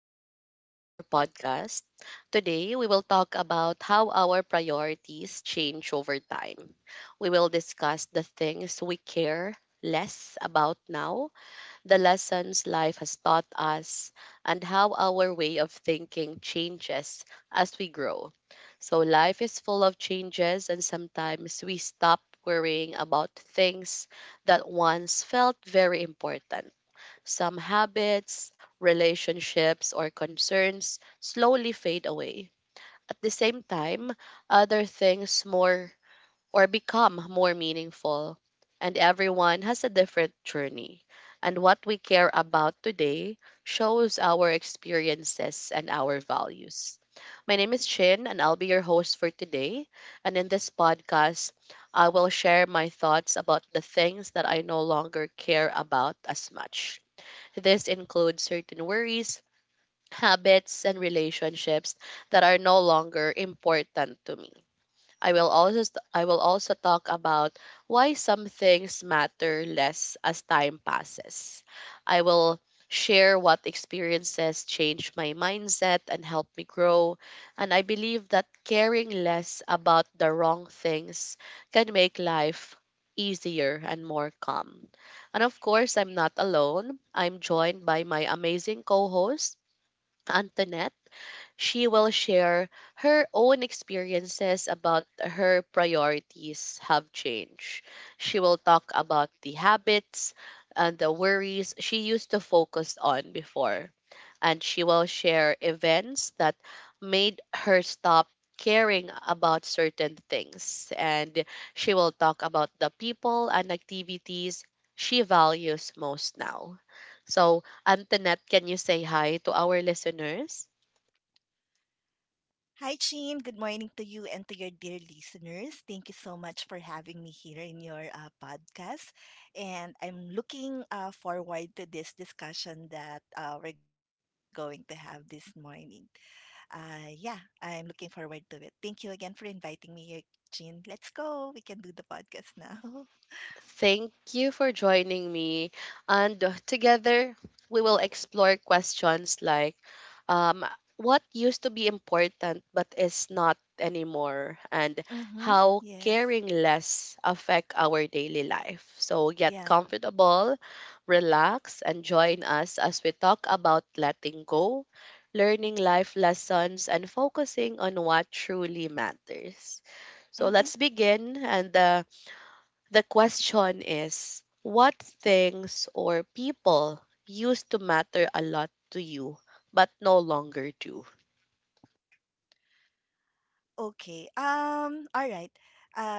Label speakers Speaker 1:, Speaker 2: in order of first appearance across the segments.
Speaker 1: welcome back to our podcast. Today, we will talk about how our priorities change over time. We will discuss the things we care less about now, the lessons life has taught us, and how our way of thinking changes as we grow. So, life is full of changes, and sometimes we stop worrying about things that once felt very important. Some habits, relationships, or concerns slowly fade away. At the same time, other things more or become more meaningful, and everyone has a different journey. And what we care about today shows our experiences and our values. My name is Chin, and I'll be your host for today. And in this podcast, I will share my thoughts about the things that I no longer care about as much. This includes certain worries, habits, and relationships that are no longer important to me. I will also talk about why some things matter less as time passes. I will share what experiences changed my mindset and helped me grow, and I believe that caring less about the wrong things can make life easier and more calm. And of course, I'm not alone. I'm joined by my amazing co-host Antoinette. She will share her own experiences about her priorities have changed. She will talk about the habits and the worries she used to focus on before. And she will share events that made her stop caring about certain things. And she will talk about the people and activities she values most now. So, Antoinette, can you say hi to our listeners?
Speaker 2: Hi, Chin. Good morning to you and to your dear listeners. Thank you so much for having me here in your podcast. And I'm looking forward to this discussion that we're going to have this morning. Uh, yeah, I'm looking forward to it. Thank you again for inviting me here, Chin. Let's go. We can do the podcast now.
Speaker 1: Thank you for joining me. And together, we will explore questions like um, what used to be important but is not anymore, and
Speaker 2: Mm-hmm.
Speaker 1: how
Speaker 2: Yes.
Speaker 1: caring less affect our daily life. So get
Speaker 2: Yeah.
Speaker 1: comfortable, relax, and join us as we talk about letting go, learning life lessons, and focusing on what truly matters. So
Speaker 2: Mm-hmm.
Speaker 1: let's begin. And the question is, what things or people used to matter a lot to you but no longer do?
Speaker 2: Okay. All right. Uh.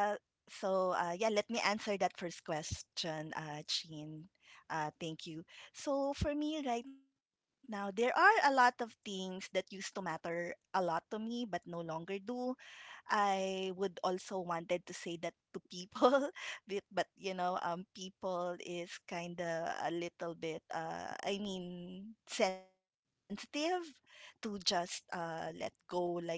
Speaker 2: Let me answer that first question, Chin. Thank you. So for me right now, there are a lot of things that used to matter a lot to me, but no longer do. I would also wanted to say that to people, but people is kind of a little bit, I mean, sensitive to just let go like that.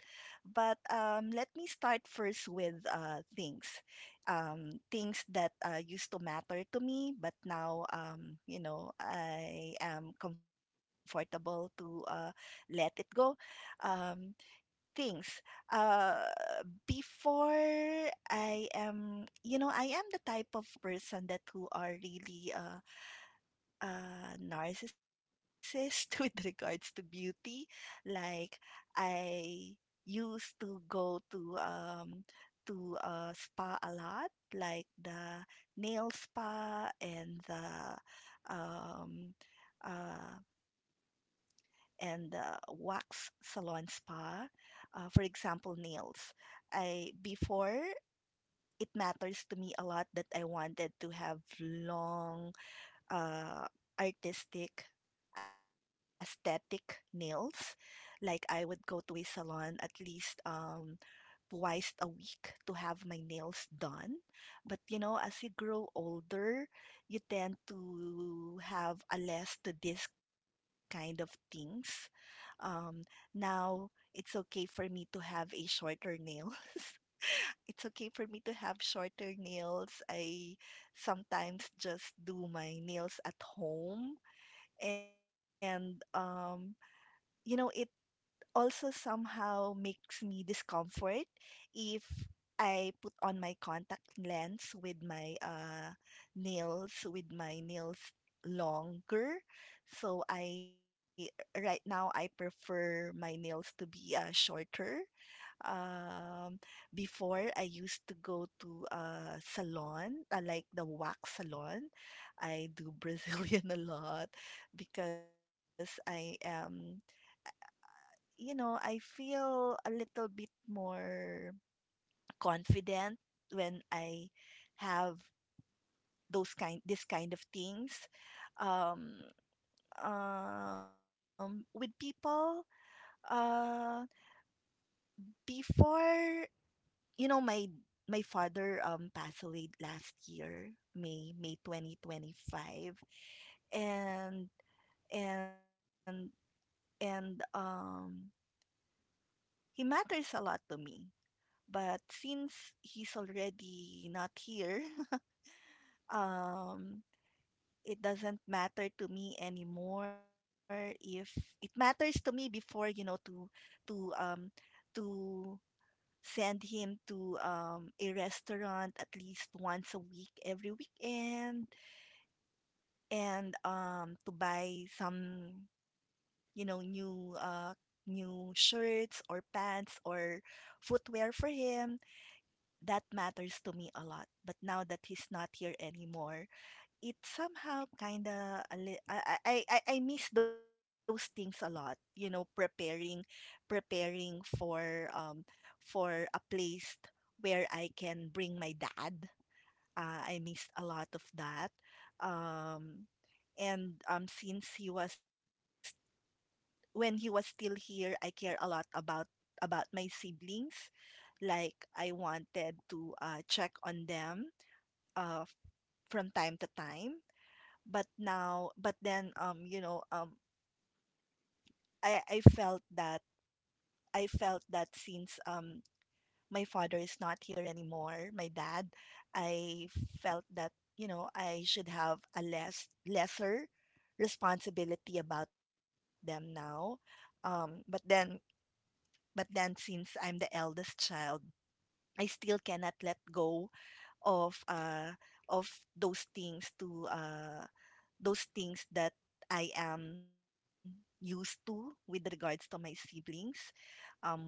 Speaker 2: But let me start first with things, things that used to matter to me, but now, I am comfortable to let it go. Um, things. Uh, before I am, you know, I am the type of person that who are really narcissist with regards to beauty. Like I used to go to a spa a lot, like the nail spa and the um uh and wax salon spa. For example, nails. I before it matters to me a lot that I wanted to have long, uh, artistic, aesthetic nails. Like I would go to a salon at least twice a week to have my nails done. But you know, as you grow older, you tend to have a less to this kind of things. Um, now it's okay for me to have a shorter nails. It's okay for me to have shorter nails. I sometimes just do my nails at home and you know it also somehow makes me discomfort if I put on my contact lens with my nails longer. So I right now I prefer my nails to be shorter. Um, before I used to go to a salon, like the wax salon. I do Brazilian a lot because I am you know, I feel a little bit more confident when I have those kind this kind of things um with people uh before you know my father passed away last year May 2025 and and and he matters a lot to me. But since he's already not here, um, it doesn't matter to me anymore. If it matters to me before, you know, to um to send him to a restaurant at least once a week every weekend and to buy some you know new shirts or pants or footwear for him, that matters to me a lot. But now that he's not here anymore, it somehow kind of li- I miss those things a lot. You know, preparing for a place where I can bring my dad. I missed a lot of that. Um, and since he was when he was still here, I care a lot about my siblings, like I wanted to check on them uh, from time to time. But then, I felt that since my father is not here anymore, my dad, I felt that you know I should have a lesser responsibility about them now. Um, but then, but then, since I'm the eldest child, I still cannot let go of uh of those things to uh those things that I am used to with regards to my siblings. Um,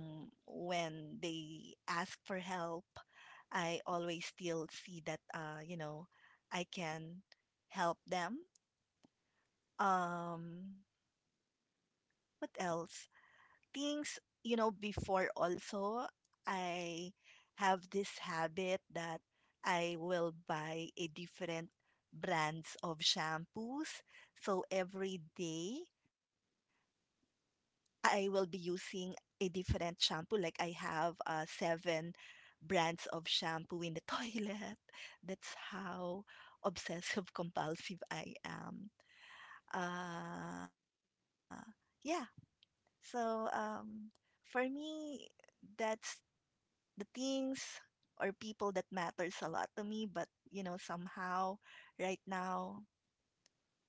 Speaker 2: when they ask for help, I always still see that you know, I can help them. Um, what else? Things, you know, before also, I have this habit that I will buy a different brands of shampoos. So every day, I will be using a different shampoo. Like I have seven brands of shampoo in the toilet. That's how obsessive compulsive I am. Uh, yeah, so um, for me, that's the things or people that matters a lot to me. But you know, somehow right now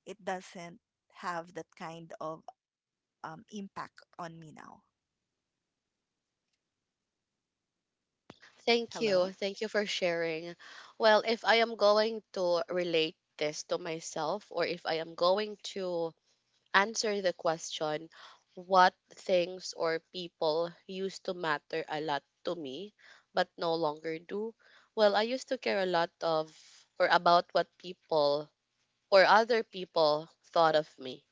Speaker 2: it doesn't have that kind of impact on me now.
Speaker 1: Thank
Speaker 2: Hello.
Speaker 1: you. Thank you for sharing. Well, if I am going to relate this to myself, or if I am going to answer the question, what things or people used to matter a lot to me but no longer do? Well, I used to care a lot of or about what people or other people thought of me.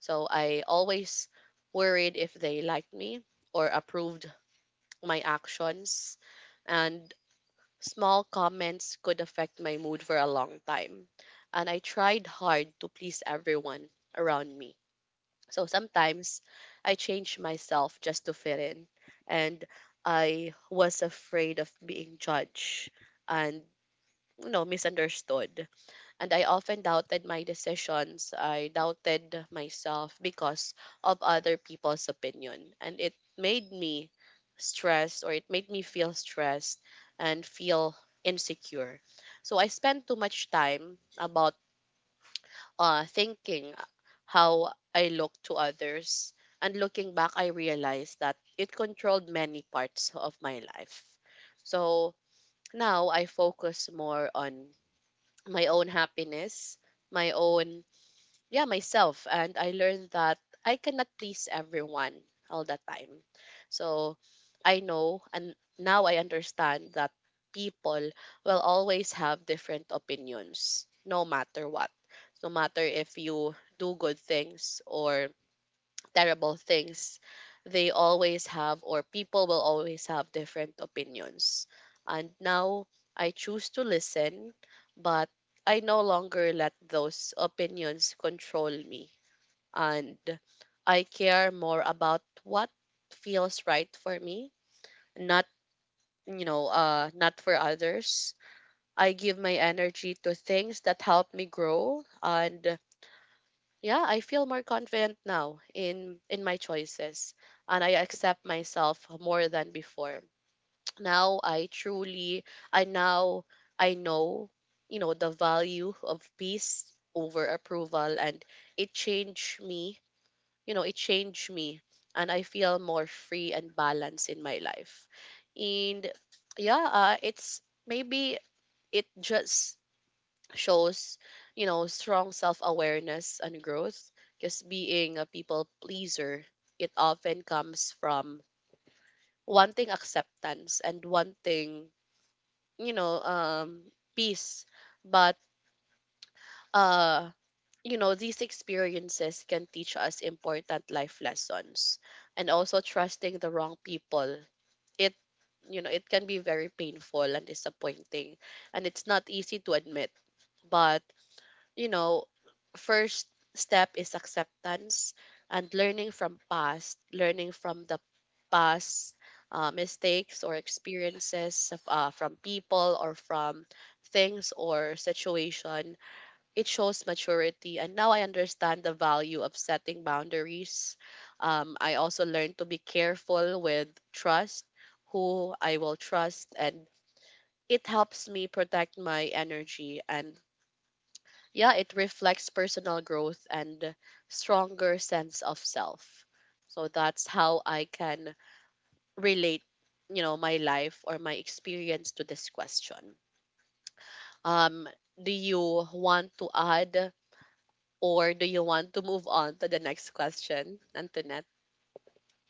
Speaker 1: So I always worried if they liked me or approved my actions. And small comments could affect my mood for a long time. And I tried hard to please everyone around me. So sometimes I changed myself just to fit in. And I was afraid of being judged and, you know, misunderstood, and I often doubted my decisions. I doubted myself because of other people's opinion. And it made me stressed, or it made me feel stressed and feel insecure. So I spent too much time about thinking how I look to others. And looking back, I realized that it controlled many parts of my life. So now I focus more on my own happiness, my own, yeah, myself. And I learned that I cannot please everyone all the time. So I know, and now I understand that people will always have different opinions no matter what. No matter if you do good things or terrible things, they always have, or people will always have different opinions. And now I choose to listen, but I no longer let those opinions control me. And I care more about what feels right for me, not, not for others. I give my energy to things that help me grow, and yeah, I feel more confident now in my choices, and I accept myself more than before. Now I truly Now I know, you know, the value of peace over approval, and it changed me, you know, it changed me, and I feel more free and balanced in my life. And yeah, it's maybe it just shows, you know, strong self-awareness and growth, because being a people pleaser, it often comes from wanting acceptance and wanting, you know, um peace. But uh you know, these experiences can teach us important life lessons, and also trusting the wrong people. It, you know, it can be very painful and disappointing, and it's not easy to admit, but, you know, first step is acceptance and learning from past, learning from the past mistakes or experiences of, from people or from things or situation. It shows maturity. And now I understand the value of setting boundaries. I also learned to be careful with trust, who I will trust, and it helps me protect my energy, and yeah, it reflects personal growth and stronger sense of self. So that's how I can relate, you know, my life or my experience to this question. Um, do you want to add, or do you want to move on to the next question, Antoinette?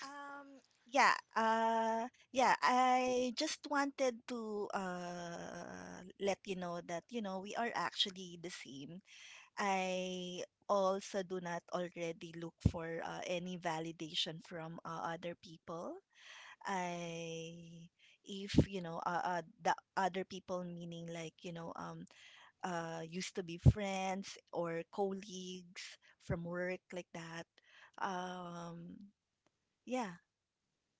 Speaker 2: Um, yeah, I just wanted to let you know that, you know, we are actually the same. I also do not already look for any validation from other people. I, if you know the other people meaning like used to be friends or colleagues from work like that, um yeah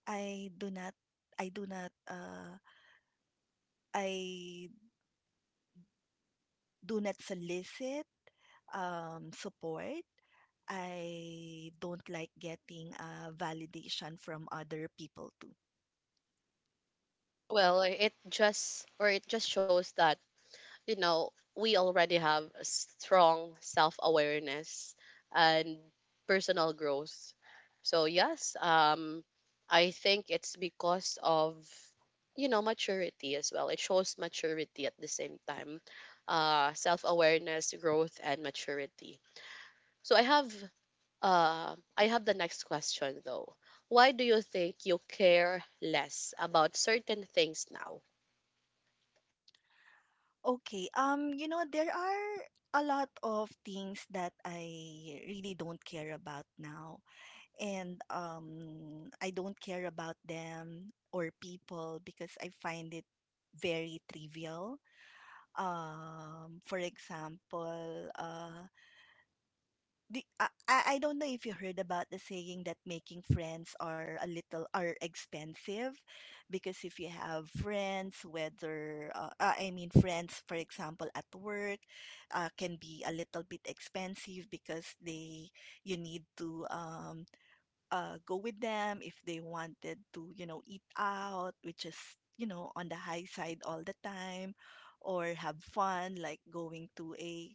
Speaker 2: i do not i do not uh I do not solicit support. I don't like getting validation from other people too.
Speaker 1: Well, it just, or it just shows that, you know, we already have a strong self-awareness and personal growth. So yes, I think it's because of, you know, maturity as well. It shows maturity at the same time, self awareness, growth, and maturity. So I have the next question though. Why do you think you care less about certain things now?
Speaker 2: Okay, you know, there are a lot of things that I really don't care about now. And I don't care about them or people because I find it very trivial. For example, do, I don't know if you heard about the saying that making friends are a little are expensive, because if you have friends, whether I mean friends for example at work, can be a little bit expensive because they, you need to go with them if they wanted to, you know, eat out, which is, you know, on the high side all the time, or have fun, like going to a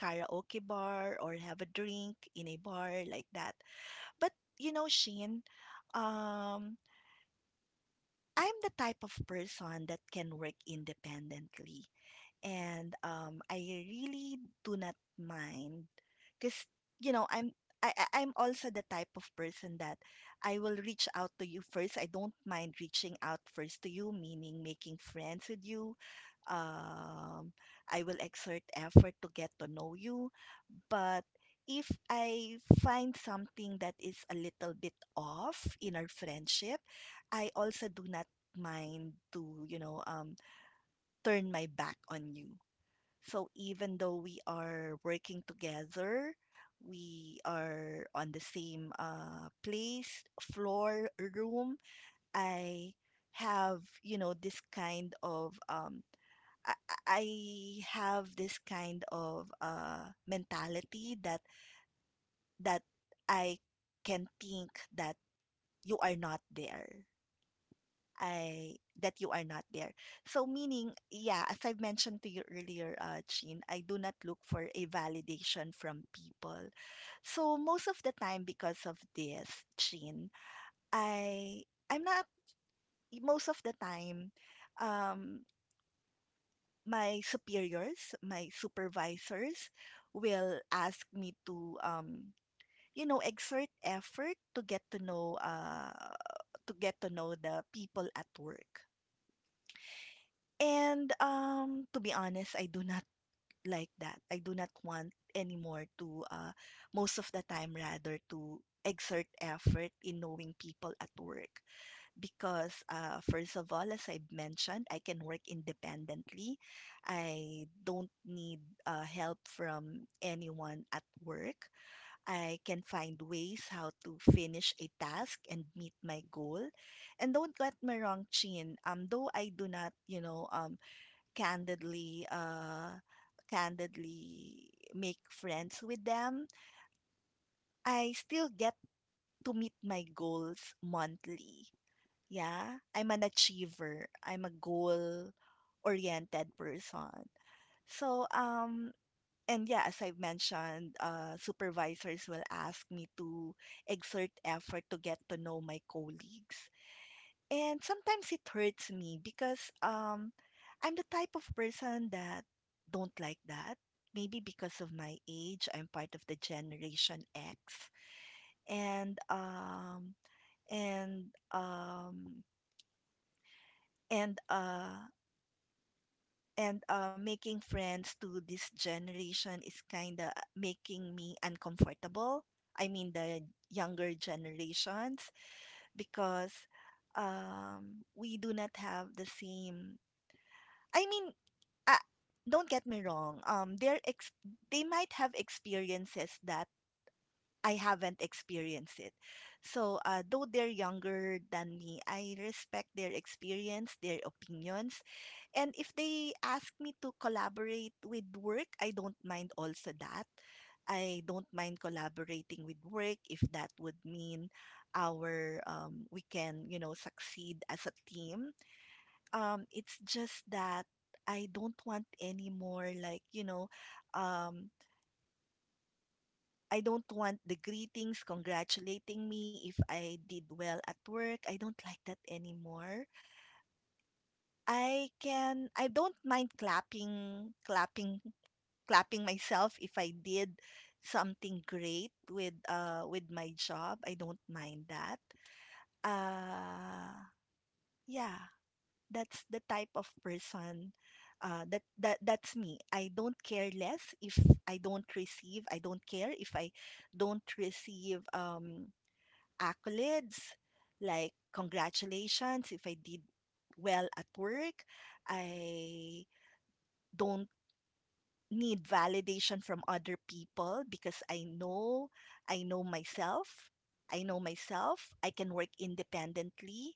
Speaker 2: karaoke bar or have a drink in a bar like that. But, you know, Sheen, um, I'm the type of person that can work independently and I really do not mind, because you know I'm also the type of person that I will reach out to you first. I don't mind reaching out first to you, meaning making friends with you. Um, I will exert effort to get to know you. But if I find something that is a little bit off in our friendship, I also do not mind to, you know, turn my back on you. So even though we are working together, we are on the same place, floor, room, I have, you know, this kind of I, I I have this kind of mentality that that I can think that you are not there. I that you are not there. So meaning, yeah, as I've mentioned to you earlier, Chin, I do not look for a validation from people. So most of the time, because of this, Chin, I I'm not most of the time, um, my superiors, my supervisors, will ask me to you know, exert effort to get to know to get to know the people at work. And, to be honest, I do not like that. I do not want anymore to, most of the time rather to exert effort in knowing people at work. Because, first of all, as I've mentioned, I can work independently. I don't need, help from anyone at work. I can find ways how to finish a task and meet my goal. And don't get me wrong, Chin. Though I do not, you know, candidly uh candidly make friends with them, I still get to meet my goals monthly. Yeah, I'm an achiever. I'm a goal oriented person. so um and yeah, as I've mentioned, supervisors will ask me to exert effort to get to know my colleagues. And sometimes it hurts me because I'm the type of person that don't like that. Maybe because of my age, I'm part of the generation X. And um and um and uh and making friends to this generation is kind of making me uncomfortable. I mean, the younger generations, because we do not have the same. I mean, uh, don't get me wrong. They might have experiences that I haven't experienced it. So, though they're younger than me, I respect their experience, their opinions, and if they ask me to collaborate with work, I don't mind also that. I don't mind collaborating with work if that would mean our we can you know succeed as a team. It's just that I don't want any more like, um, I don't want the greetings congratulating me if I did well at work. I don't like that anymore. I don't mind clapping myself if I did something great with my job. I don't mind that. Uh yeah. That's the type of person, that's me. I don't care less if I don't receive. I don't care if I don't receive accolades like congratulations if I did well at work. I don't need validation from other people because I know myself. I know myself. I can work independently.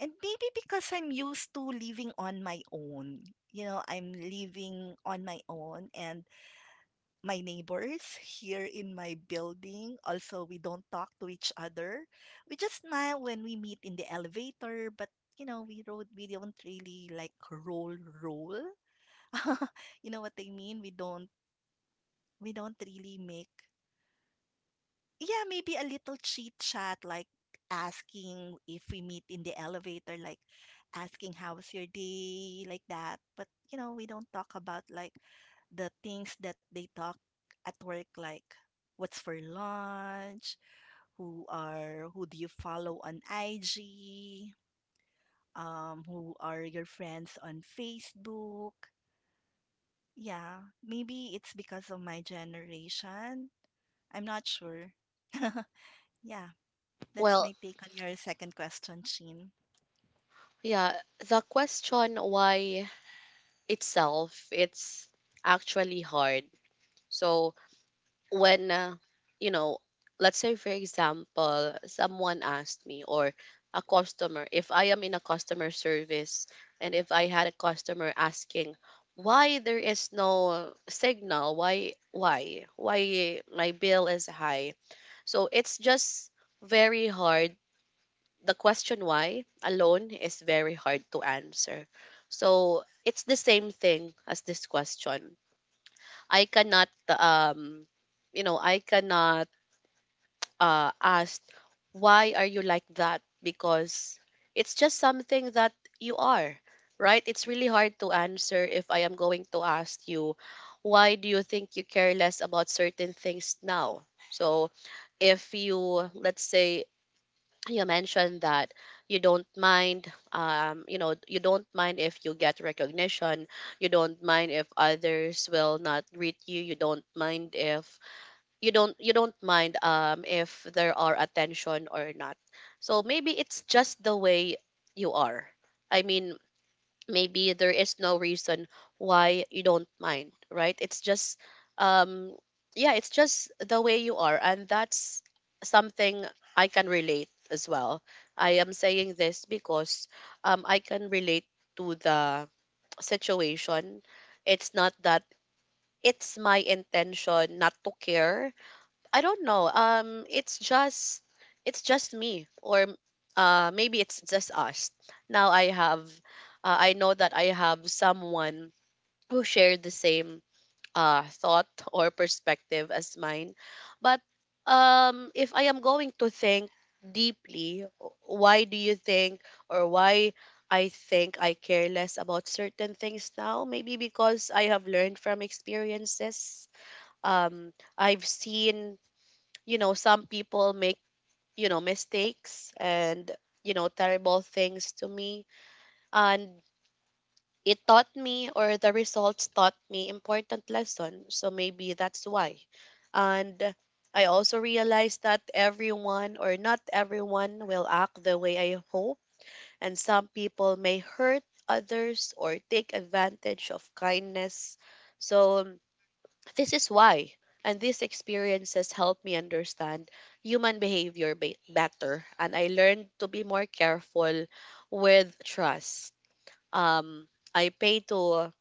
Speaker 2: And maybe because I'm used to living on my own. I'm living on my own and my neighbors here in my building also we don't talk to each other. We just smile when we meet in the elevator, but we don't really like roll. You know what I mean? We don't really make Yeah, maybe a little chit chat, like asking if we meet in the elevator, like asking how's your day, like that. But we don't talk about like the things that they talk at work, like what's for lunch, who do you follow on IG, who are your friends on Facebook. Yeah, maybe it's because of my generation. I'm not sure. yeah. That's
Speaker 1: Well,
Speaker 2: my take on your second question, Sheen.
Speaker 1: yeah, the question why itself, it's actually hard. So when, you know, let's say for example someone asked me, or a customer, if I am in a customer service, and if I had a customer asking why there is no signal, why my bill is high. So it's just very hard. The question why alone is very hard to answer. So it's the same thing as this question. I cannot um you know, I cannot asked, why are you like that? Because it's just something that you are, right? It's really hard to answer if I am going to ask you, why do you think you care less about certain things now? So if you, let's say, you mentioned that you know, you don't mind if you get recognition, you don't mind if others will not greet you, you don't mind if you don't mind, um, if there are attention or not. So maybe it's just the way you are. I mean, maybe there is no reason why you don't mind, right? It's just, um, yeah, it's just the way you are, and that's something I can relate as well. I am saying this because, um, I can relate to the situation. It's not that it's my intention not to care. I don't know. It's just me, or maybe it's just us. Now I have, I know that I have someone who shared the same thought or perspective as mine. But if I am going to think deeply, why do you think, or why I think I care less about certain things now? Maybe because I have learned from experiences. Um, I've seen, you know, some people make, you know, mistakes and, you know, terrible things to me. And it taught me, or the results taught me important lesson. So maybe that's why. And I also realized that everyone, or not everyone will act the way I hope. And some people may hurt others or take advantage of kindness. So this is why. And these experiences helped me understand human behavior better. And I learned to be more careful with trust. Um, I pay to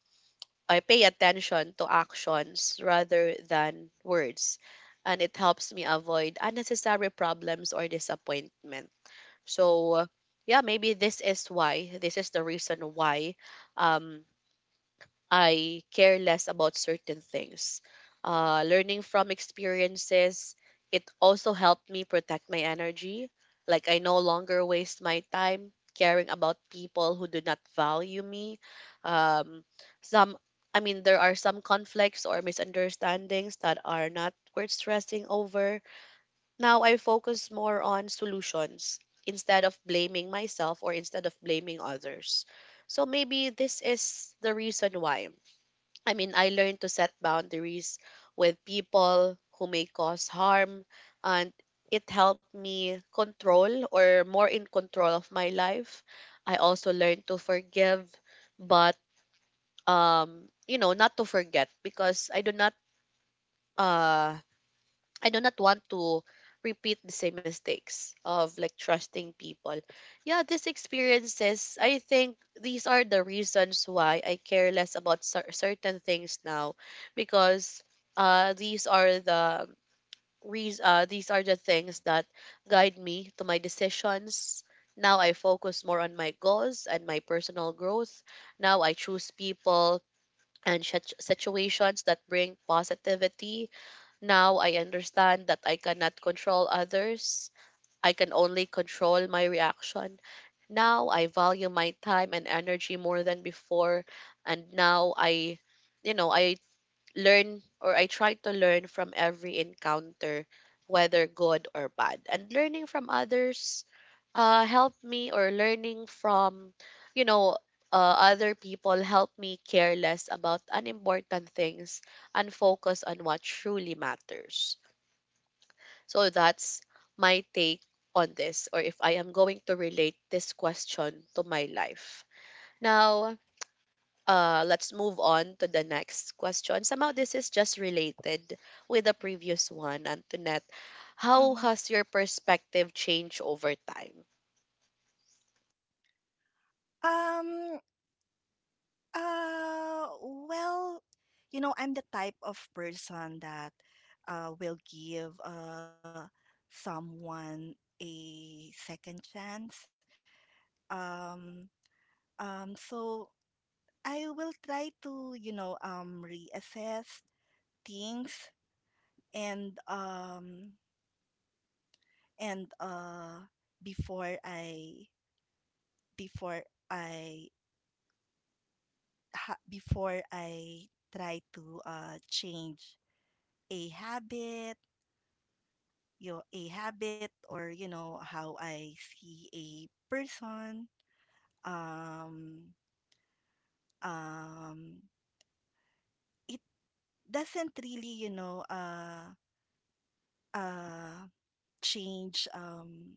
Speaker 1: I pay attention to actions rather than words. And it helps me avoid unnecessary problems or disappointment. So yeah, maybe this is why. This is the reason why, um, I care less about certain things. Learning from experiences, it also helped me protect my energy. Like, I no longer waste my time caring about people who do not value me. Um, some, I mean, there are some conflicts or misunderstandings that are not worth stressing over. Now I focus more on solutions instead of blaming myself or instead of blaming others. So maybe this is the reason why. I mean, I learned to set boundaries with people who may cause harm, and it helped me control, or more in control of my life. I also learned to forgive, but you know, not to forget, because uh I do not want to repeat the same mistakes of like trusting people. Yeah, these experiences, I think these are the reasons why I care less about certain things now, because these are the reas these are the things that guide me to my decisions. Now I focus more on my goals and my personal growth. Now I choose people and situations that bring positivity. Now I understand that I cannot control others. I can only control my reaction. Now I value my time and energy more than before. And now I, I learn or I try to learn from every encounter, whether good or bad. And learning from others helped me, or learning from, you know, other people helped me care less about unimportant things and focus on what truly matters. So that's my take on this, or if I am going to relate this question to my life. Now, let's move on to the next question. Somehow this is just related with the previous one, Antoinette. How
Speaker 2: Mm-hmm.
Speaker 1: has your perspective changed over time?
Speaker 2: Um, uh, well, I'm the type of person that will give someone a second chance. Um, so I will try to, reassess things and and before I before I before I try to change a habit, your a habit or you know how I see a person. Um, um, it doesn't really uh change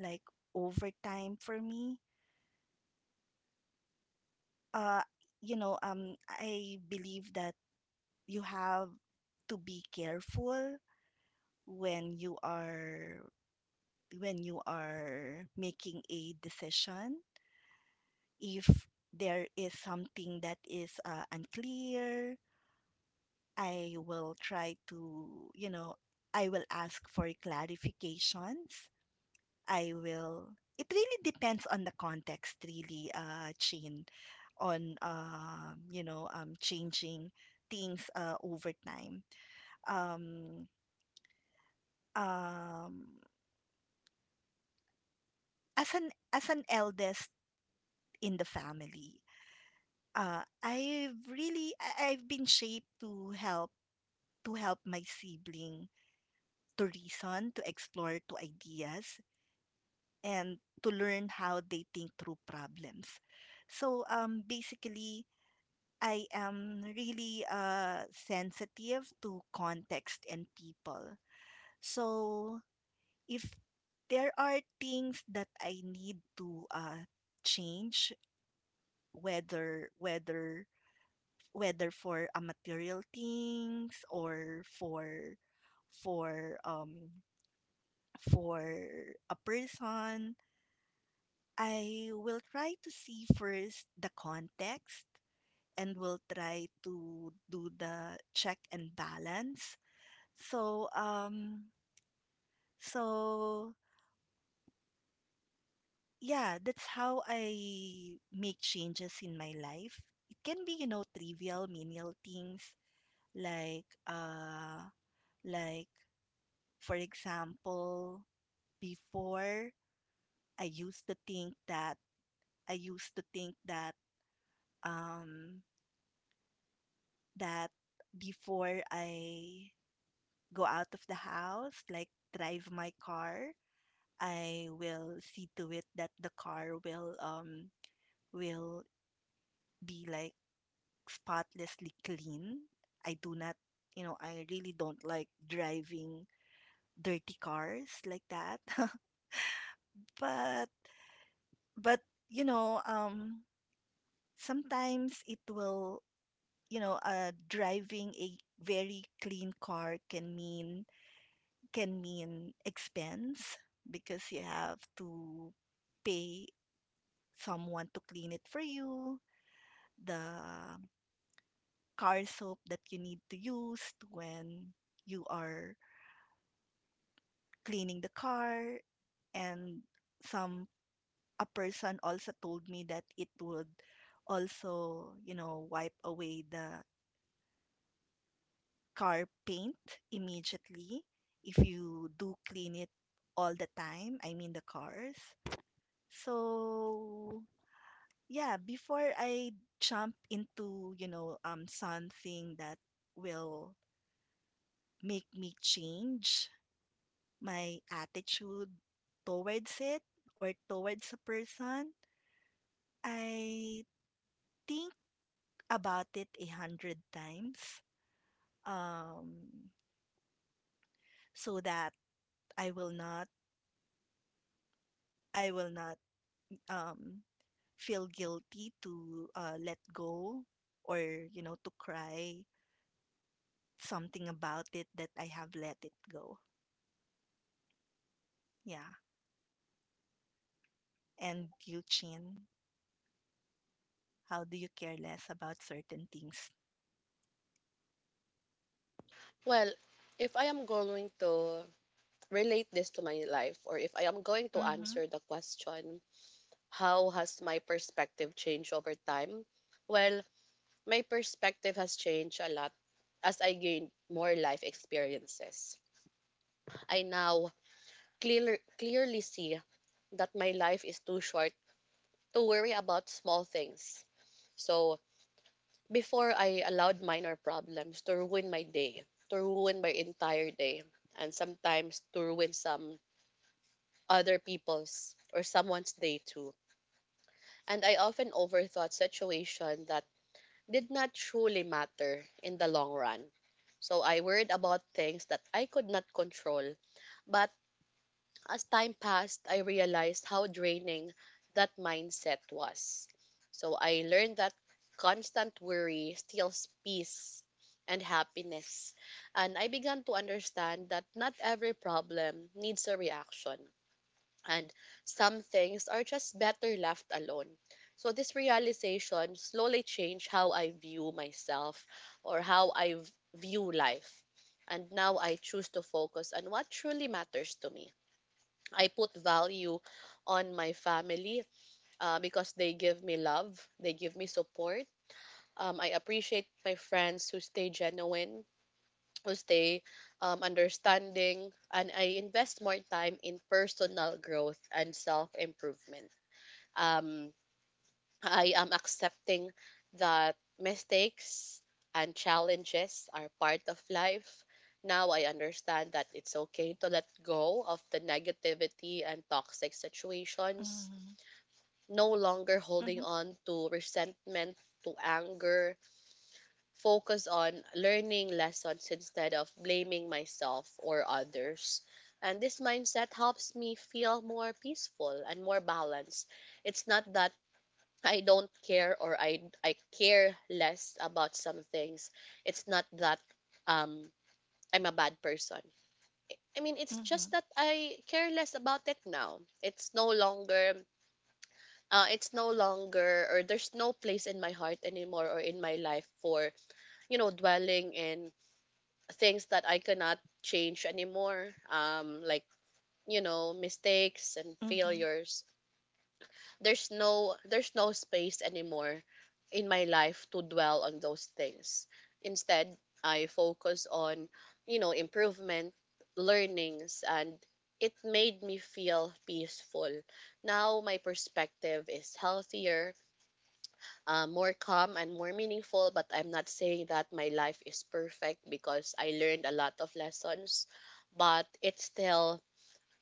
Speaker 2: like over time for me. Uh, I believe that you have to be careful when you are when you are making a decision. If there is something that is unclear, I will try to, you know, I will ask for clarifications. I will, it really depends on the context, really, Chin, on, changing things over time. Um, um, as an eldest in the family, I've really I've been shaped to help my sibling to reason, to explore to ideas, and to learn how they think through problems. So basically, I am really sensitive to context and people. So if there are things that I need to change, whether whether whether for material things or for um for a person, I will try to see first the context and will try to do the check and balance. So um so yeah, that's how I make changes in my life. It can be, you know, trivial menial things like uh like for example, before I used to think that I used to think that um that before I go out of the house, like drive my car, I will see to it that the car will will be like spotlessly clean. I do not, you know, I really don't like driving dirty cars like that. but but you know, um sometimes it will you know driving a very clean car can mean, can mean expense because you have to pay someone to clean it for you, the car soap that you need to use when you are cleaning the car. And some a person also told me that it would also, you know, wipe away the car paint immediately if you do clean it all the time. I mean the cars. So, yeah, before I jump into, something that will make me change my attitude towards it or towards a person, I think about it 100 times. Um, so that I will not I will not, um, feel guilty to let go or to cry something about it that I have let it go. Yeah. And you, Chin, how do you care less about certain things?
Speaker 1: Well, if I am going to relate this to my life, or if I am going to
Speaker 2: Mm-hmm.
Speaker 1: answer the question, how has my perspective changed over time? Well, my perspective has changed a lot as I gained more life experiences. I now clear, clearly see that my life is too short to worry about small things. So, before I allowed minor problems to ruin my day, to ruin my entire day, and sometimes to ruin some other people's or someone's day too. And I often overthought situations that did not truly matter in the long run. So I worried about things that I could not control, but as time passed, I realized how draining that mindset was. So I learned that constant worry steals peace and happiness. And I began to understand that not every problem needs a reaction. And some things are just better left alone. So this realization slowly changed how I view myself or how I view life. And now I choose to focus on what truly matters to me. I put value on my family because they give me love, they give me support. I appreciate my friends who stay genuine, who stay understanding, and I invest more time in personal growth and self improvement. Um, I am accepting that mistakes and challenges are part of life. Now I understand that it's okay to let go of the negativity and toxic
Speaker 2: Mm-hmm.
Speaker 1: situations, no longer
Speaker 2: Mm-hmm.
Speaker 1: holding on to resentment, to anger, focus on learning lessons instead of blaming myself or others. And this mindset helps me feel more peaceful and more balanced. It's not that I don't care or I care less about some things. It's not that um I'm a bad person. I mean, it's just
Speaker 2: Mm-hmm.
Speaker 1: that I care less about it now. It's no longer it's no longer, or there's no place in my heart anymore or in my life for, you know, dwelling in things that I cannot change anymore, like, you know, mistakes
Speaker 2: Mm-hmm.
Speaker 1: and failures. There's no space anymore in my life to dwell on those things. Instead, I focus on, you know, improvement, learnings, and it made me feel peaceful. Now my perspective is healthier, more calm and more meaningful. But I'm not saying that my life is perfect because I learned a lot of lessons, but it's still,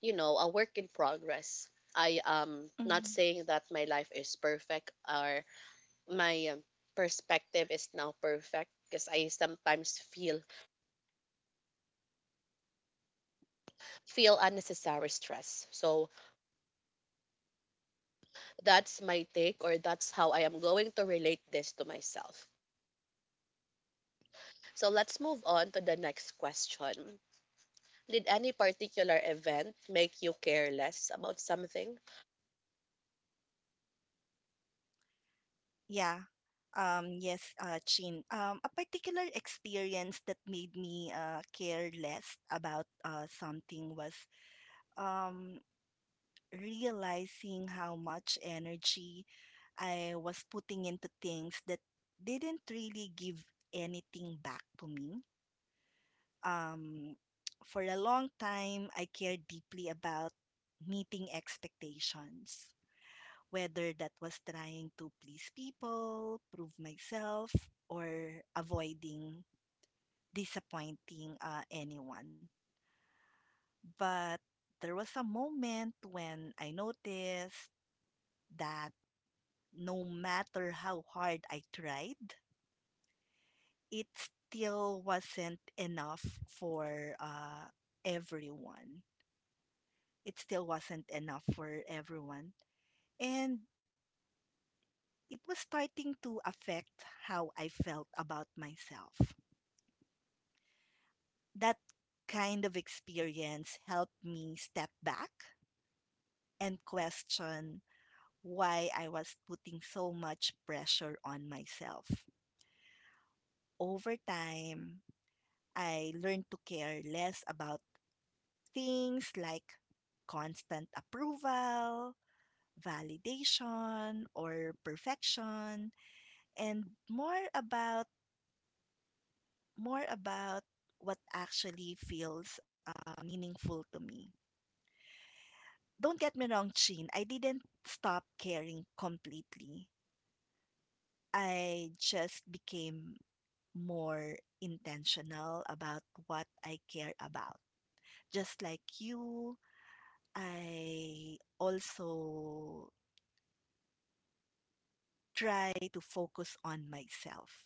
Speaker 1: you know, a work in progress. I am
Speaker 2: Mm-hmm.
Speaker 1: not saying that my life is perfect or my perspective is now perfect because I sometimes feel feel unnecessary stress. So that's my take or that's how I am going to relate this to myself. So let's move on to the next question. Did any particular event make you care less about something?
Speaker 2: Yeah. Yes, Chin. A particular experience that made me care less about something was, um, realizing how much energy I was putting into things that didn't really give anything back to me. Um, for a long time, I cared deeply about meeting expectations, whether that was trying to please people, prove myself, or avoiding disappointing anyone. But there was a moment when I noticed that no matter how hard I tried, it still wasn't enough for everyone. It still wasn't enough for everyone. And it was starting to affect how I felt about myself. That kind of experience helped me step back and question why I was putting so much pressure on myself. Over time, I learned to care less about things like constant approval, validation or perfection and more about more about what actually feels meaningful to me. Don't get me wrong, Chin, I didn't stop caring completely. I just became more intentional about what I care about. Just like you, I also try to focus on myself.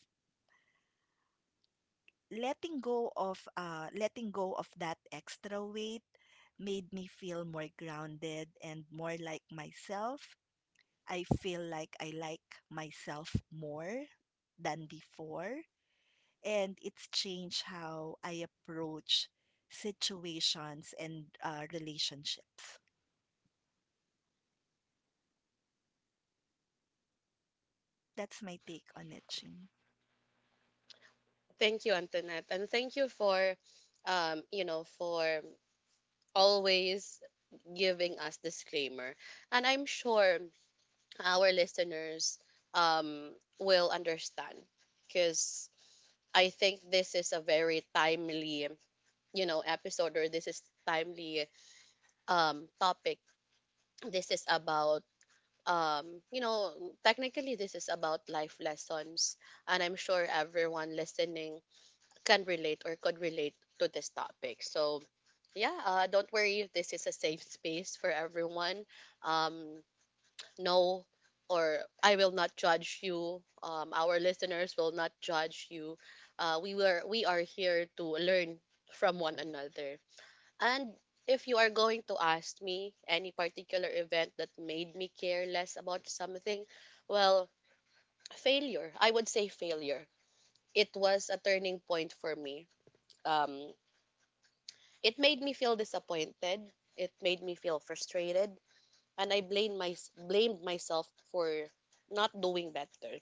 Speaker 2: Letting go of letting go of that extra weight made me feel more grounded and more like myself. I feel like I like myself more than before and it's changed how I approach situations and relationships. That's my take on it, Chin.
Speaker 1: Thank you, Antoinette, and thank you for, for always giving us disclaimer. And I'm sure our listeners um, will understand because I think this is a very timely, you know, episode, or this is timely topic. This is about, technically this is about life lessons, and I'm sure everyone listening can relate or could relate to this topic. So, yeah, don't worry, this is a safe space for everyone. Um, no, or I will not judge you. Our listeners will not judge you. We are here to learn from one another. And if you are going to ask me any particular event that made me care less about something, well, failure. I would say failure. It was a turning point for me. Um, it made me feel disappointed. It made me feel frustrated, and I blamed my blamed myself for not doing better.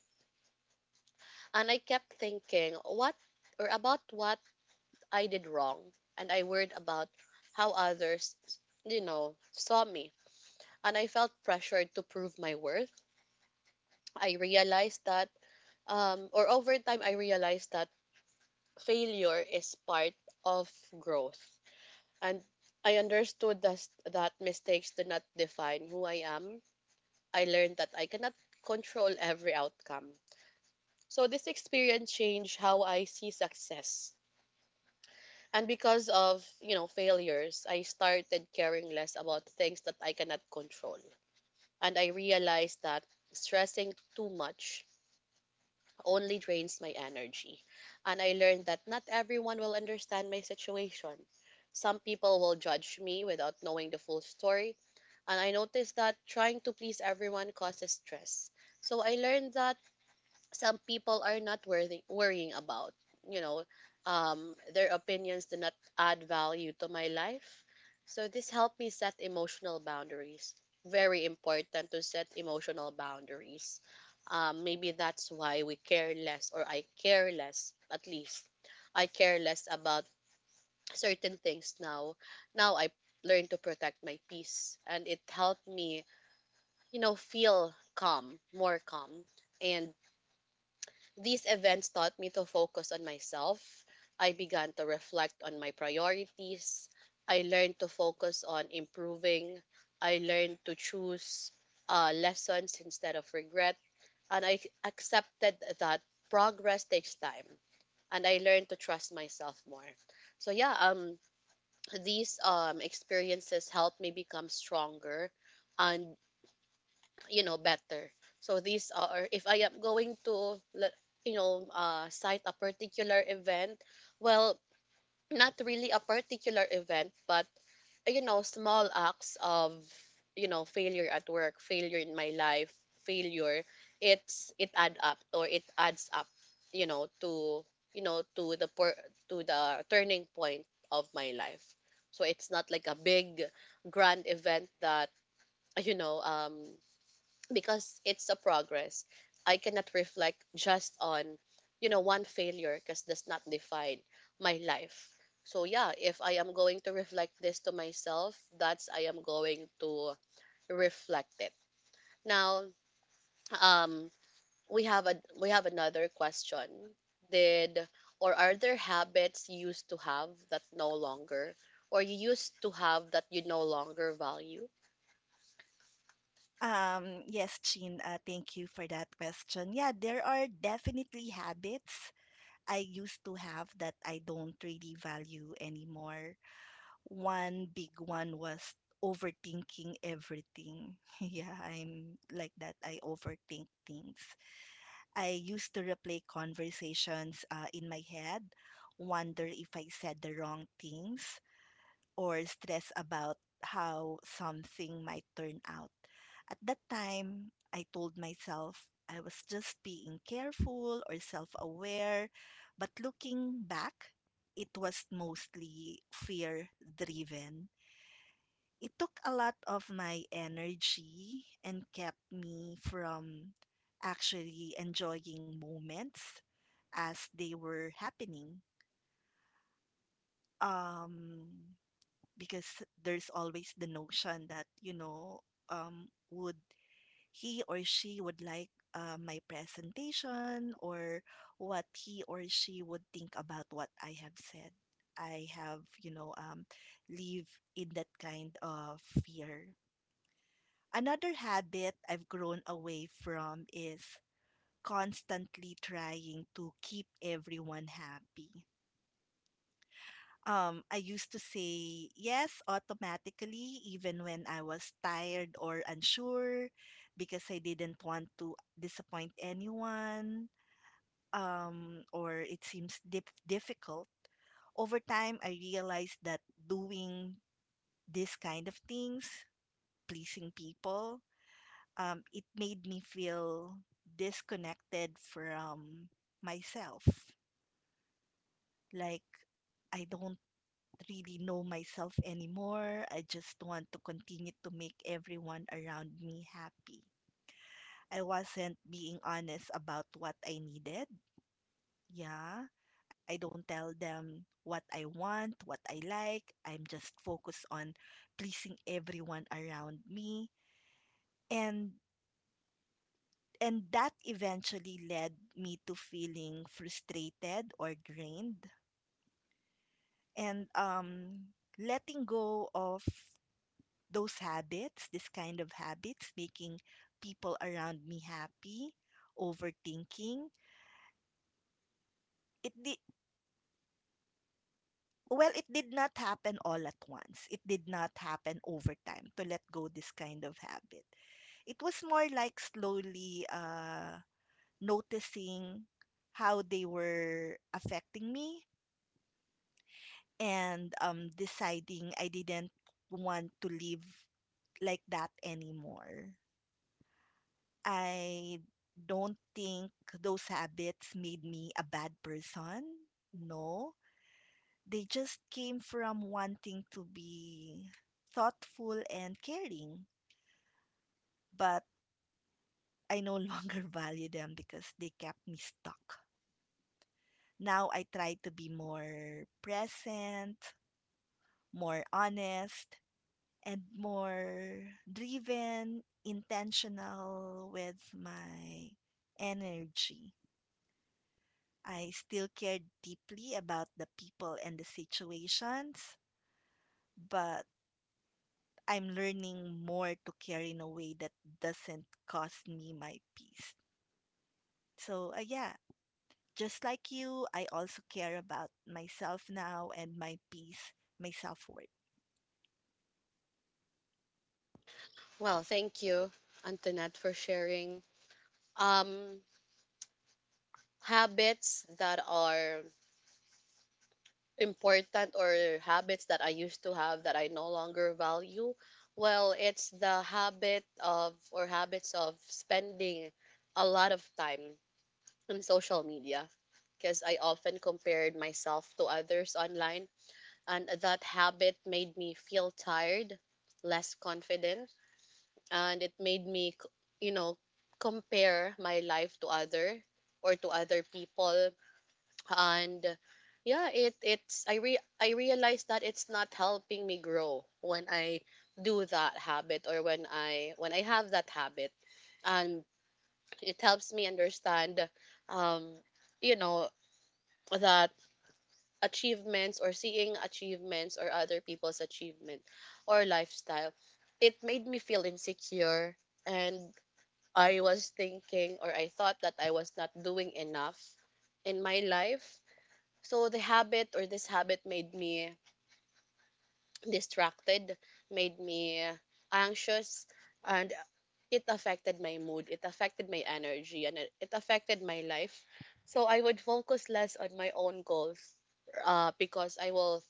Speaker 1: And I kept thinking what or about what I did wrong, and I worried about how others, you know, saw me, and I felt pressured to prove my worth. I realized that, or over time, I realized that failure is part of growth. And I understood thus that mistakes do not define who I am. I learned that I cannot control every outcome. So this experience changed how I see success. And because of, you know, failures, I started caring less about things that I cannot control. And I realized that stressing too much only drains my energy. And I learned that not everyone will understand my situation. Some people will judge me without knowing the full story, and I noticed that trying to please everyone causes stress. So I learned that some people are not worthy, worrying about. You know, their opinions do not add value to my life. So this helped me set emotional boundaries. Very important to set emotional boundaries. Maybe that's why we care less, or I care less, at least. I care less about certain things now. Now I learn to protect my peace, and it helped me, you know, feel calm, more calm, and these events taught me to focus on myself. I began to reflect on my priorities. I learned to focus on improving. I learned to choose lessons instead of regret. And I accepted that progress takes time. And I learned to trust myself more. So yeah, these experiences helped me become stronger, and, you know, better. So these are, if I am going to you know, cite a particular event, well, not really a particular event, but, you know, small acts of, you know, failure at work, failure in my life, failure, it's it add up or it adds up, you know, to, you know, to to the turning point of my life. So it's not like a big grand event that you know um because it's a progress. I cannot reflect just on, you know, one failure because that's not define my life. So yeah, if I am going to reflect this to myself, that's I am going to reflect it. Now, um, we have another question. Did or are there habits you used to have that no longer, or you used to have that you no longer value?
Speaker 2: Yes, Chin, thank you for that question. Yeah, there are definitely habits I used to have that I don't really value anymore. One big one was overthinking everything. yeah, I'm like that. I overthink things. I used to replay conversations in my head, wonder if I said the wrong things, or stress about how something might turn out. At that time, I told myself I was just being careful or self aware, but looking back, it was mostly fear driven. It took a lot of my energy and kept me from actually enjoying moments as they were happening. Um, because there's always the notion that would he or she would like my presentation or what he or she would think about what I have said. I have you know um, live in that kind of fear. Another habit I've grown away from is constantly trying to keep everyone happy. I used to say yes automatically, even when I was tired or unsure, because I didn't want to disappoint anyone, or it seems difficult. Over time, I realized that doing this kind of things, pleasing people, it made me feel disconnected from myself. Like, I don't really know myself anymore. I just want to continue to make everyone around me happy. I wasn't being honest about what I needed. Yeah. I don't tell them what I want, what I like. I'm just focused on pleasing everyone around me. And and that eventually led me to feeling frustrated or drained and letting go of those habits, this kind of habits, making people around me happy, overthinking. It did Well, it did not happen all at once. It did not happen over time to let go this kind of habit. It was more like slowly noticing how they were affecting me and, deciding I didn't want to live like that anymore. I don't think those habits made me a bad person. No, they just came from wanting to be thoughtful and caring, but I no longer value them because they kept me stuck. Now I try to be more present, more honest, and more driven, intentional with my energy. I still cared deeply about the people and the situations, but I'm learning more to care in a way that doesn't cost me my peace. So, yeah, just like you, I also care about myself now and my peace, my self worth.
Speaker 1: Well, thank you, Antoinette, for sharing. Um, habits that are important or habits that I used to have that I no longer value, well, it's the habit of or habits of spending a lot of time on social media because I often compared myself to others online, and that habit made me feel tired, less confident, and it made me, you know, compare my life to other or to other people. And yeah, it it's, I realized that it's not helping me grow when I do that habit, or when I have that habit. And it helps me understand, um you know, that achievements, or seeing achievements or other people's achievement or lifestyle, it made me feel insecure. And I was thinking, or I thought that I was not doing enough in my life. So the habit or this habit made me distracted, made me anxious, and it affected my mood, it affected my energy, and it affected my life. So I would focus less on my own goals, because I will,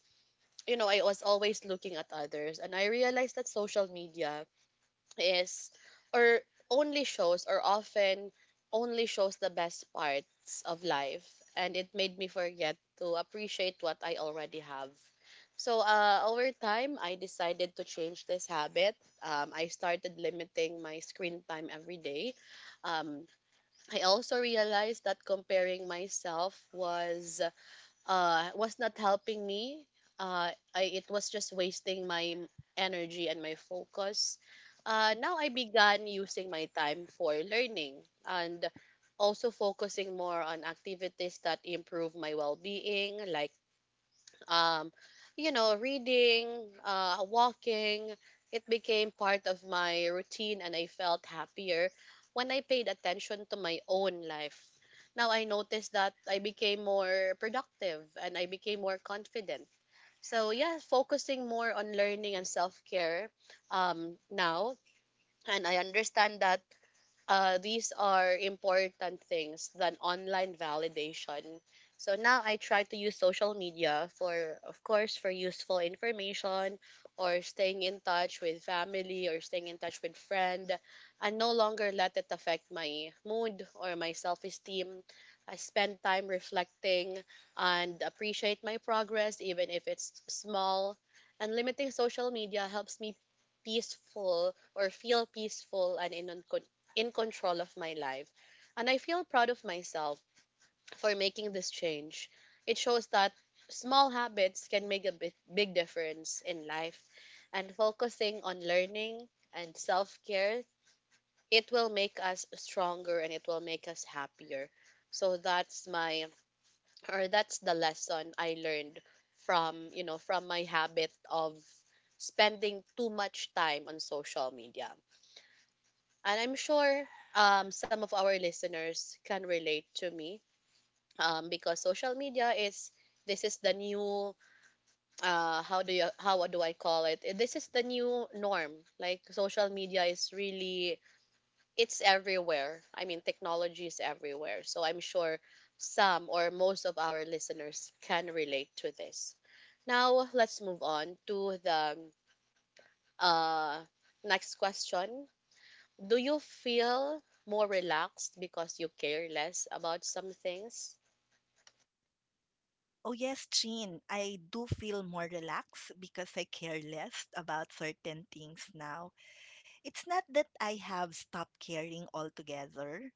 Speaker 1: you know, I was always looking at others. And I realized that social media is or only shows or often only shows the best parts of life, and it made me forget to appreciate what I already have. So over time, I decided to change this habit. I started limiting my screen time every day. Um, I also realized that comparing myself was not helping me. It was just wasting my energy and my focus. Now I began using my time for learning and also focusing more on activities that improve my well-being, like, um, you know, reading, walking. It became part of my routine and I felt happier when I paid attention to my own life. Now I noticed that I became more productive and I became more confident. So yeah, focusing more on learning and self-care now. And I understand that these are important things than online validation. So now I try to use social media for, of course, for useful information or staying in touch with family or staying in touch with friend, and no longer let it affect my mood or my self-esteem. I spend time reflecting and appreciate my progress even if it's small. And limiting social media helps me peaceful or feel peaceful and in control of my life. And I feel proud of myself for making this change. It shows that small habits can make a big, big difference in life. And focusing on learning and self care, it will make us stronger and it will make us happier. So that's my, or that's the lesson I learned from from my habit of spending too much time on social media. And I'm sure some of our listeners can relate to me because social media is this is the new how do you how do I call it? This is the new norm. Like social media is really it's everywhere. I mean technology is everywhere. So I'm sure some or most of our listeners can relate to this. Now let's move on to the uh, next question. Do you feel more relaxed because you care less about some things?
Speaker 2: Oh, yes, Jean. I do feel more relaxed because I care less about certain things now. It's not that I have stopped caring altogether,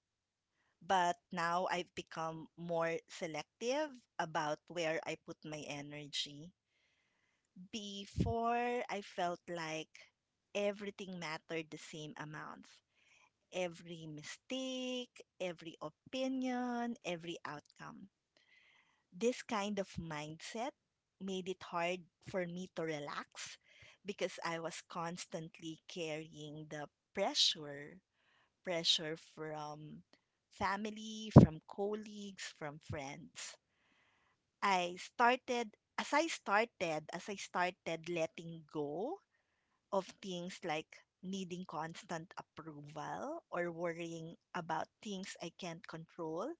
Speaker 2: but now I've become more selective about where I put my energy. Before, I felt like everything mattered the same amounts. Every mistake, every opinion, every outcome. This kind of mindset made it hard for me to relax because I was constantly carrying the pressure pressure from family, from colleagues, from friends. I started as I started, letting go of things like needing constant approval or worrying about things I can't control,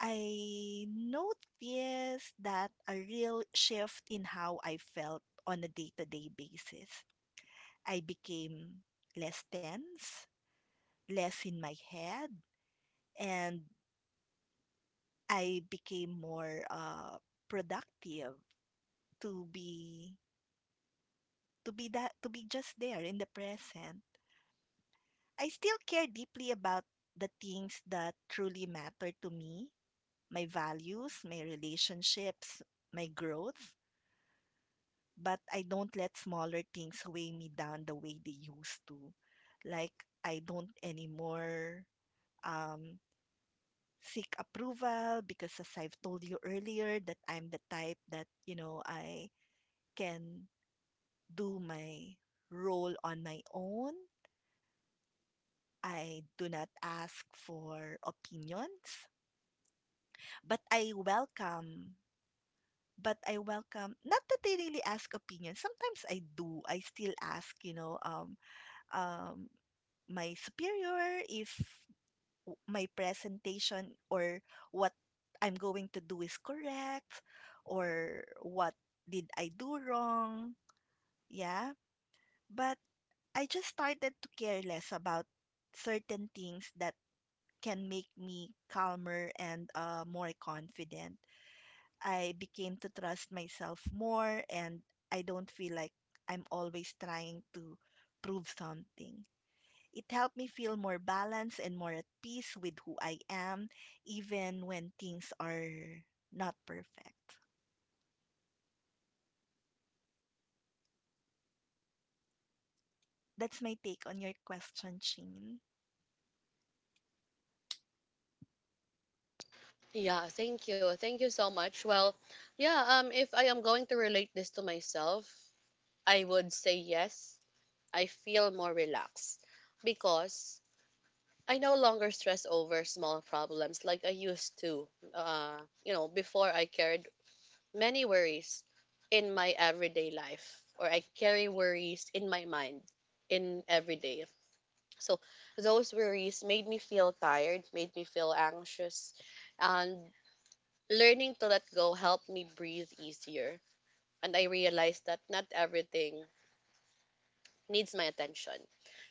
Speaker 2: I noticed that a real shift in how I felt on a day to day basis. I became less tense, less in my head, and I became more productive, to be to be just there in the present. I still care deeply about the things that truly matter to me, my values, my relationships, my growth, but I don't let smaller things weigh me down the way they used to. Like I don't anymore, um, seek approval because as I've told you earlier that I'm the type that, you know, I can do my role on my own. I do not ask for opinions, but I welcome, not that they really ask opinions. Sometimes I do. I still ask, you know, um, my superior, if my presentation or what I'm going to do is correct, or what did I do wrong. Yeah. But I just started to care less about certain things that can make me calmer and more confident. I became to trust myself more and I don't feel like I'm always trying to prove something. It helped me feel more balanced and more at peace with who I am, even when things are not perfect. That's my take on your question, Chin.
Speaker 1: Yeah, thank you. Thank you so much. Well, yeah, if I am going to relate this to myself, I would say yes. I feel more relaxed because I no longer stress over small problems like I used to. You know, before I carried many worries in my everyday life or I carry worries in my mind in everyday. So those worries made me feel tired, made me feel anxious, and learning to let go helped me breathe easier. And I realized that not everything needs my attention.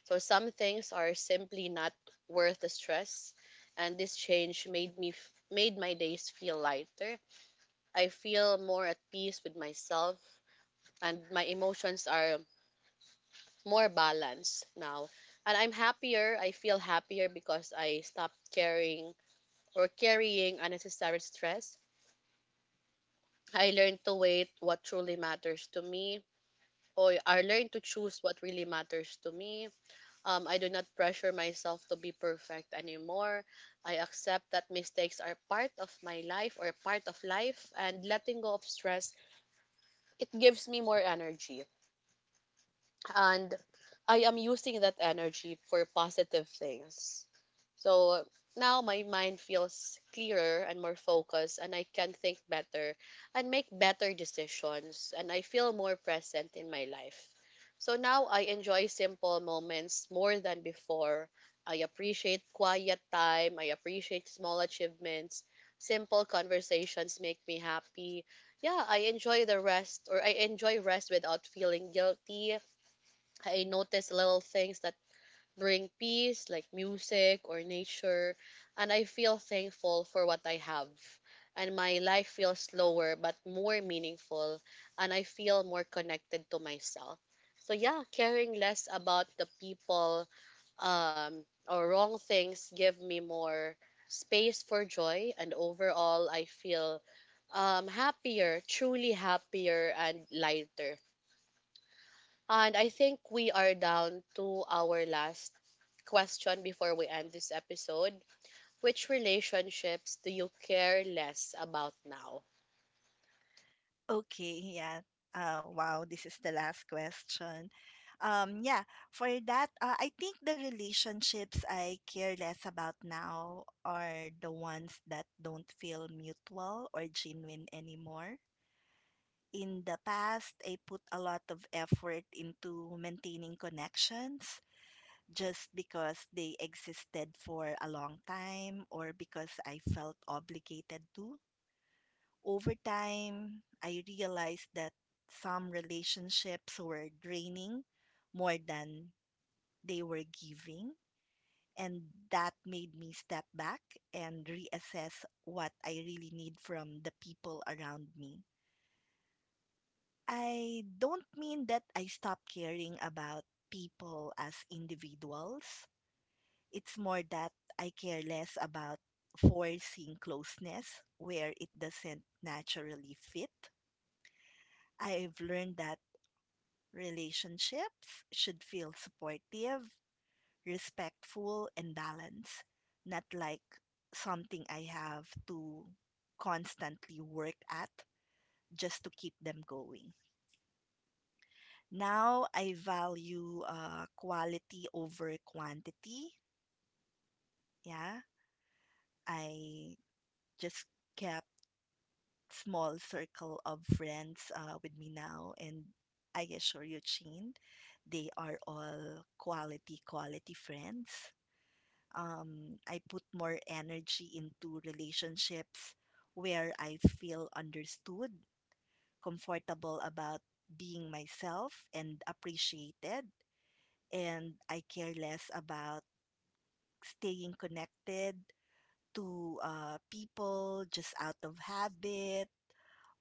Speaker 1: So some things are simply not worth the stress, and this change made my days feel lighter. I feel more at peace with myself, and my emotions are more balanced now. And I'm happier. I feel happier because I stopped caring or carrying unnecessary stress. I learned to wait what truly matters to me, or I learned to choose what really matters to me. I do not pressure myself to be perfect anymore. I accept that mistakes are part of my life or part of life, and letting go of stress, it gives me more energy. And I am using that energy for positive things. So now my mind feels clearer and more focused, and I can think better and make better decisions, and I feel more present in my life. So now I enjoy simple moments more than before. I appreciate quiet time, I appreciate small achievements. Simple conversations make me happy. Yeah, I enjoy the rest, or I enjoy rest without feeling guilty. I notice little things that bring peace, like music or nature, and I feel thankful for what I have. And my life feels slower but more meaningful, and I feel more connected to myself. So yeah, caring less about the people or wrong things give me more space for joy, and overall, I feel happier, truly happier and lighter, and I think we are down to our last question before we end this episode. Which relationships do you care less about now?
Speaker 2: Okay, yeah. Wow, this is the last question. Yeah, for that, I think the relationships I care less about now are the ones that don't feel mutual or genuine anymore. In the past, I put a lot of effort into maintaining connections, just because they existed for a long time or because I felt obligated to. Over time, I realized that some relationships were draining more than they were giving. And that made me step back and reassess what I really need from the people around me. I don't mean that I stopped caring about people as individuals. It's more that I care less about forcing closeness where it doesn't naturally fit. I've learned that relationships should feel supportive, respectful, and balanced, not like something I have to constantly work at just to keep them going. Now I value quality over quantity. Yeah, I just kept small circle of friends with me now. And I assure you, Chin, they are all quality, quality friends. I put more energy into relationships where I feel understood, comfortable about being myself, and appreciated. And I care less about staying connected to people just out of habit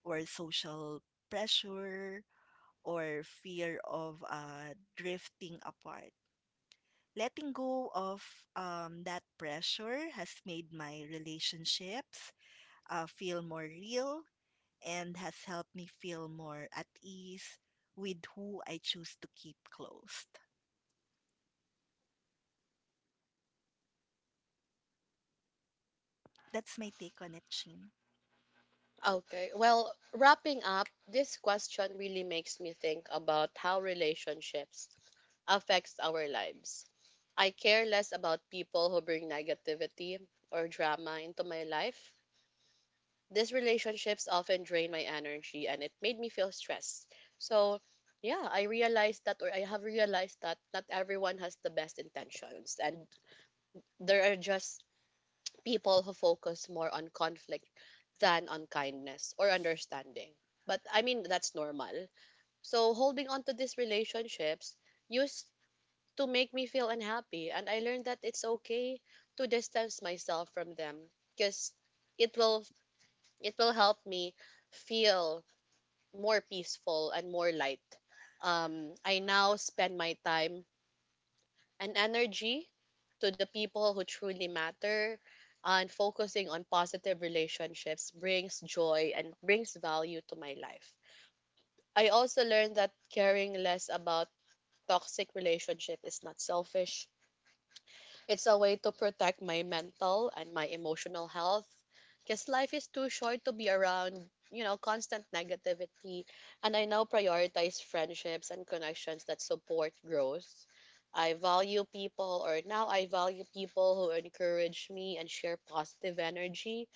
Speaker 2: or social pressure or fear of drifting apart. Letting go of, that pressure has made my relationships feel more real and has helped me feel more at ease with who I choose to keep closed. That's my take on it, Chin.
Speaker 1: Okay, well, wrapping up, this question really makes me think about how relationships affects our lives. I care less about people who bring negativity or drama into my life. These relationships often drain my energy and it made me feel stressed. So, yeah, I realized that, or I have realized that not everyone has the best intentions. And there are just people who focus more on conflict than on kindness or understanding. But I mean, that's normal. So, holding on to these relationships used to make me feel unhappy. And I learned that it's okay to distance myself from them because it will it will help me feel more peaceful and more light. I now spend my time and energy to the people who truly matter, and focusing on positive relationships brings joy and brings value to my life. I also learned that caring less about toxic relationship is not selfish. It's a way to protect my mental and my emotional health because life is too short to be around, you know, constant negativity. And I now prioritize friendships and connections that support growth. I value people, or now I value people who encourage me and share positive energy.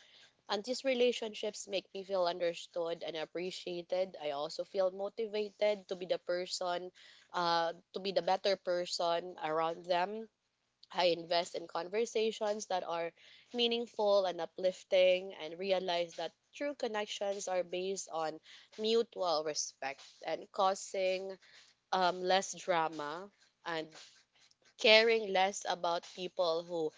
Speaker 1: And these relationships make me feel understood and appreciated. I also feel motivated to be the person, to be the better person around them. I invest in conversations that are meaningful and uplifting and realize that true connections are based on mutual respect and causing less drama and caring less about people who,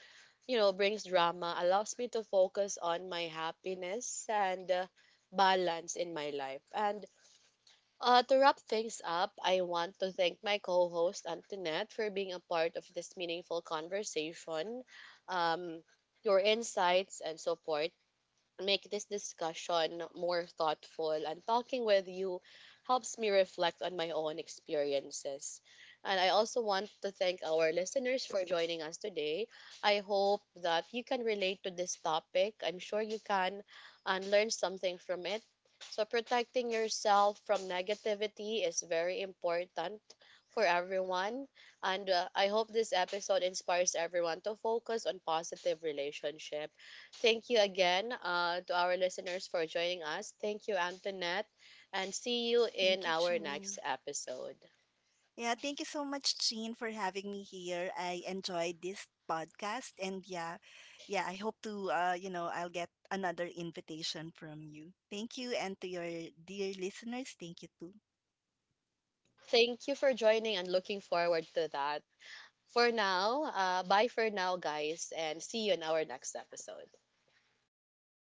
Speaker 1: you know, brings drama allows me to focus on my happiness and balance in my life. And to wrap things up, I want to thank my co host, Antoinette, for being a part of this meaningful conversation. Um, your insights and support make this discussion more thoughtful, and talking with you helps me reflect on my own experiences. And I also want to thank our listeners for joining us today. I hope that you can relate to this topic. I'm sure you can and learn something from it. So, protecting yourself from negativity is very important for everyone. And I hope this episode inspires everyone to focus on positive relationships. Thank you again, to our listeners for joining us. Thank you, Antoinette, and see you in
Speaker 2: Thank you,
Speaker 1: our next
Speaker 2: Chin.
Speaker 1: episode.
Speaker 2: Yeah, thank you so much, Jean, for having me here. I enjoyed this podcast, and yeah, yeah, I hope to, you know, I'll get another invitation from you. Thank you, and to your dear listeners, thank you too.
Speaker 1: Thank you for joining and looking forward to that. For now, bye for now, guys, and see you in our next episode.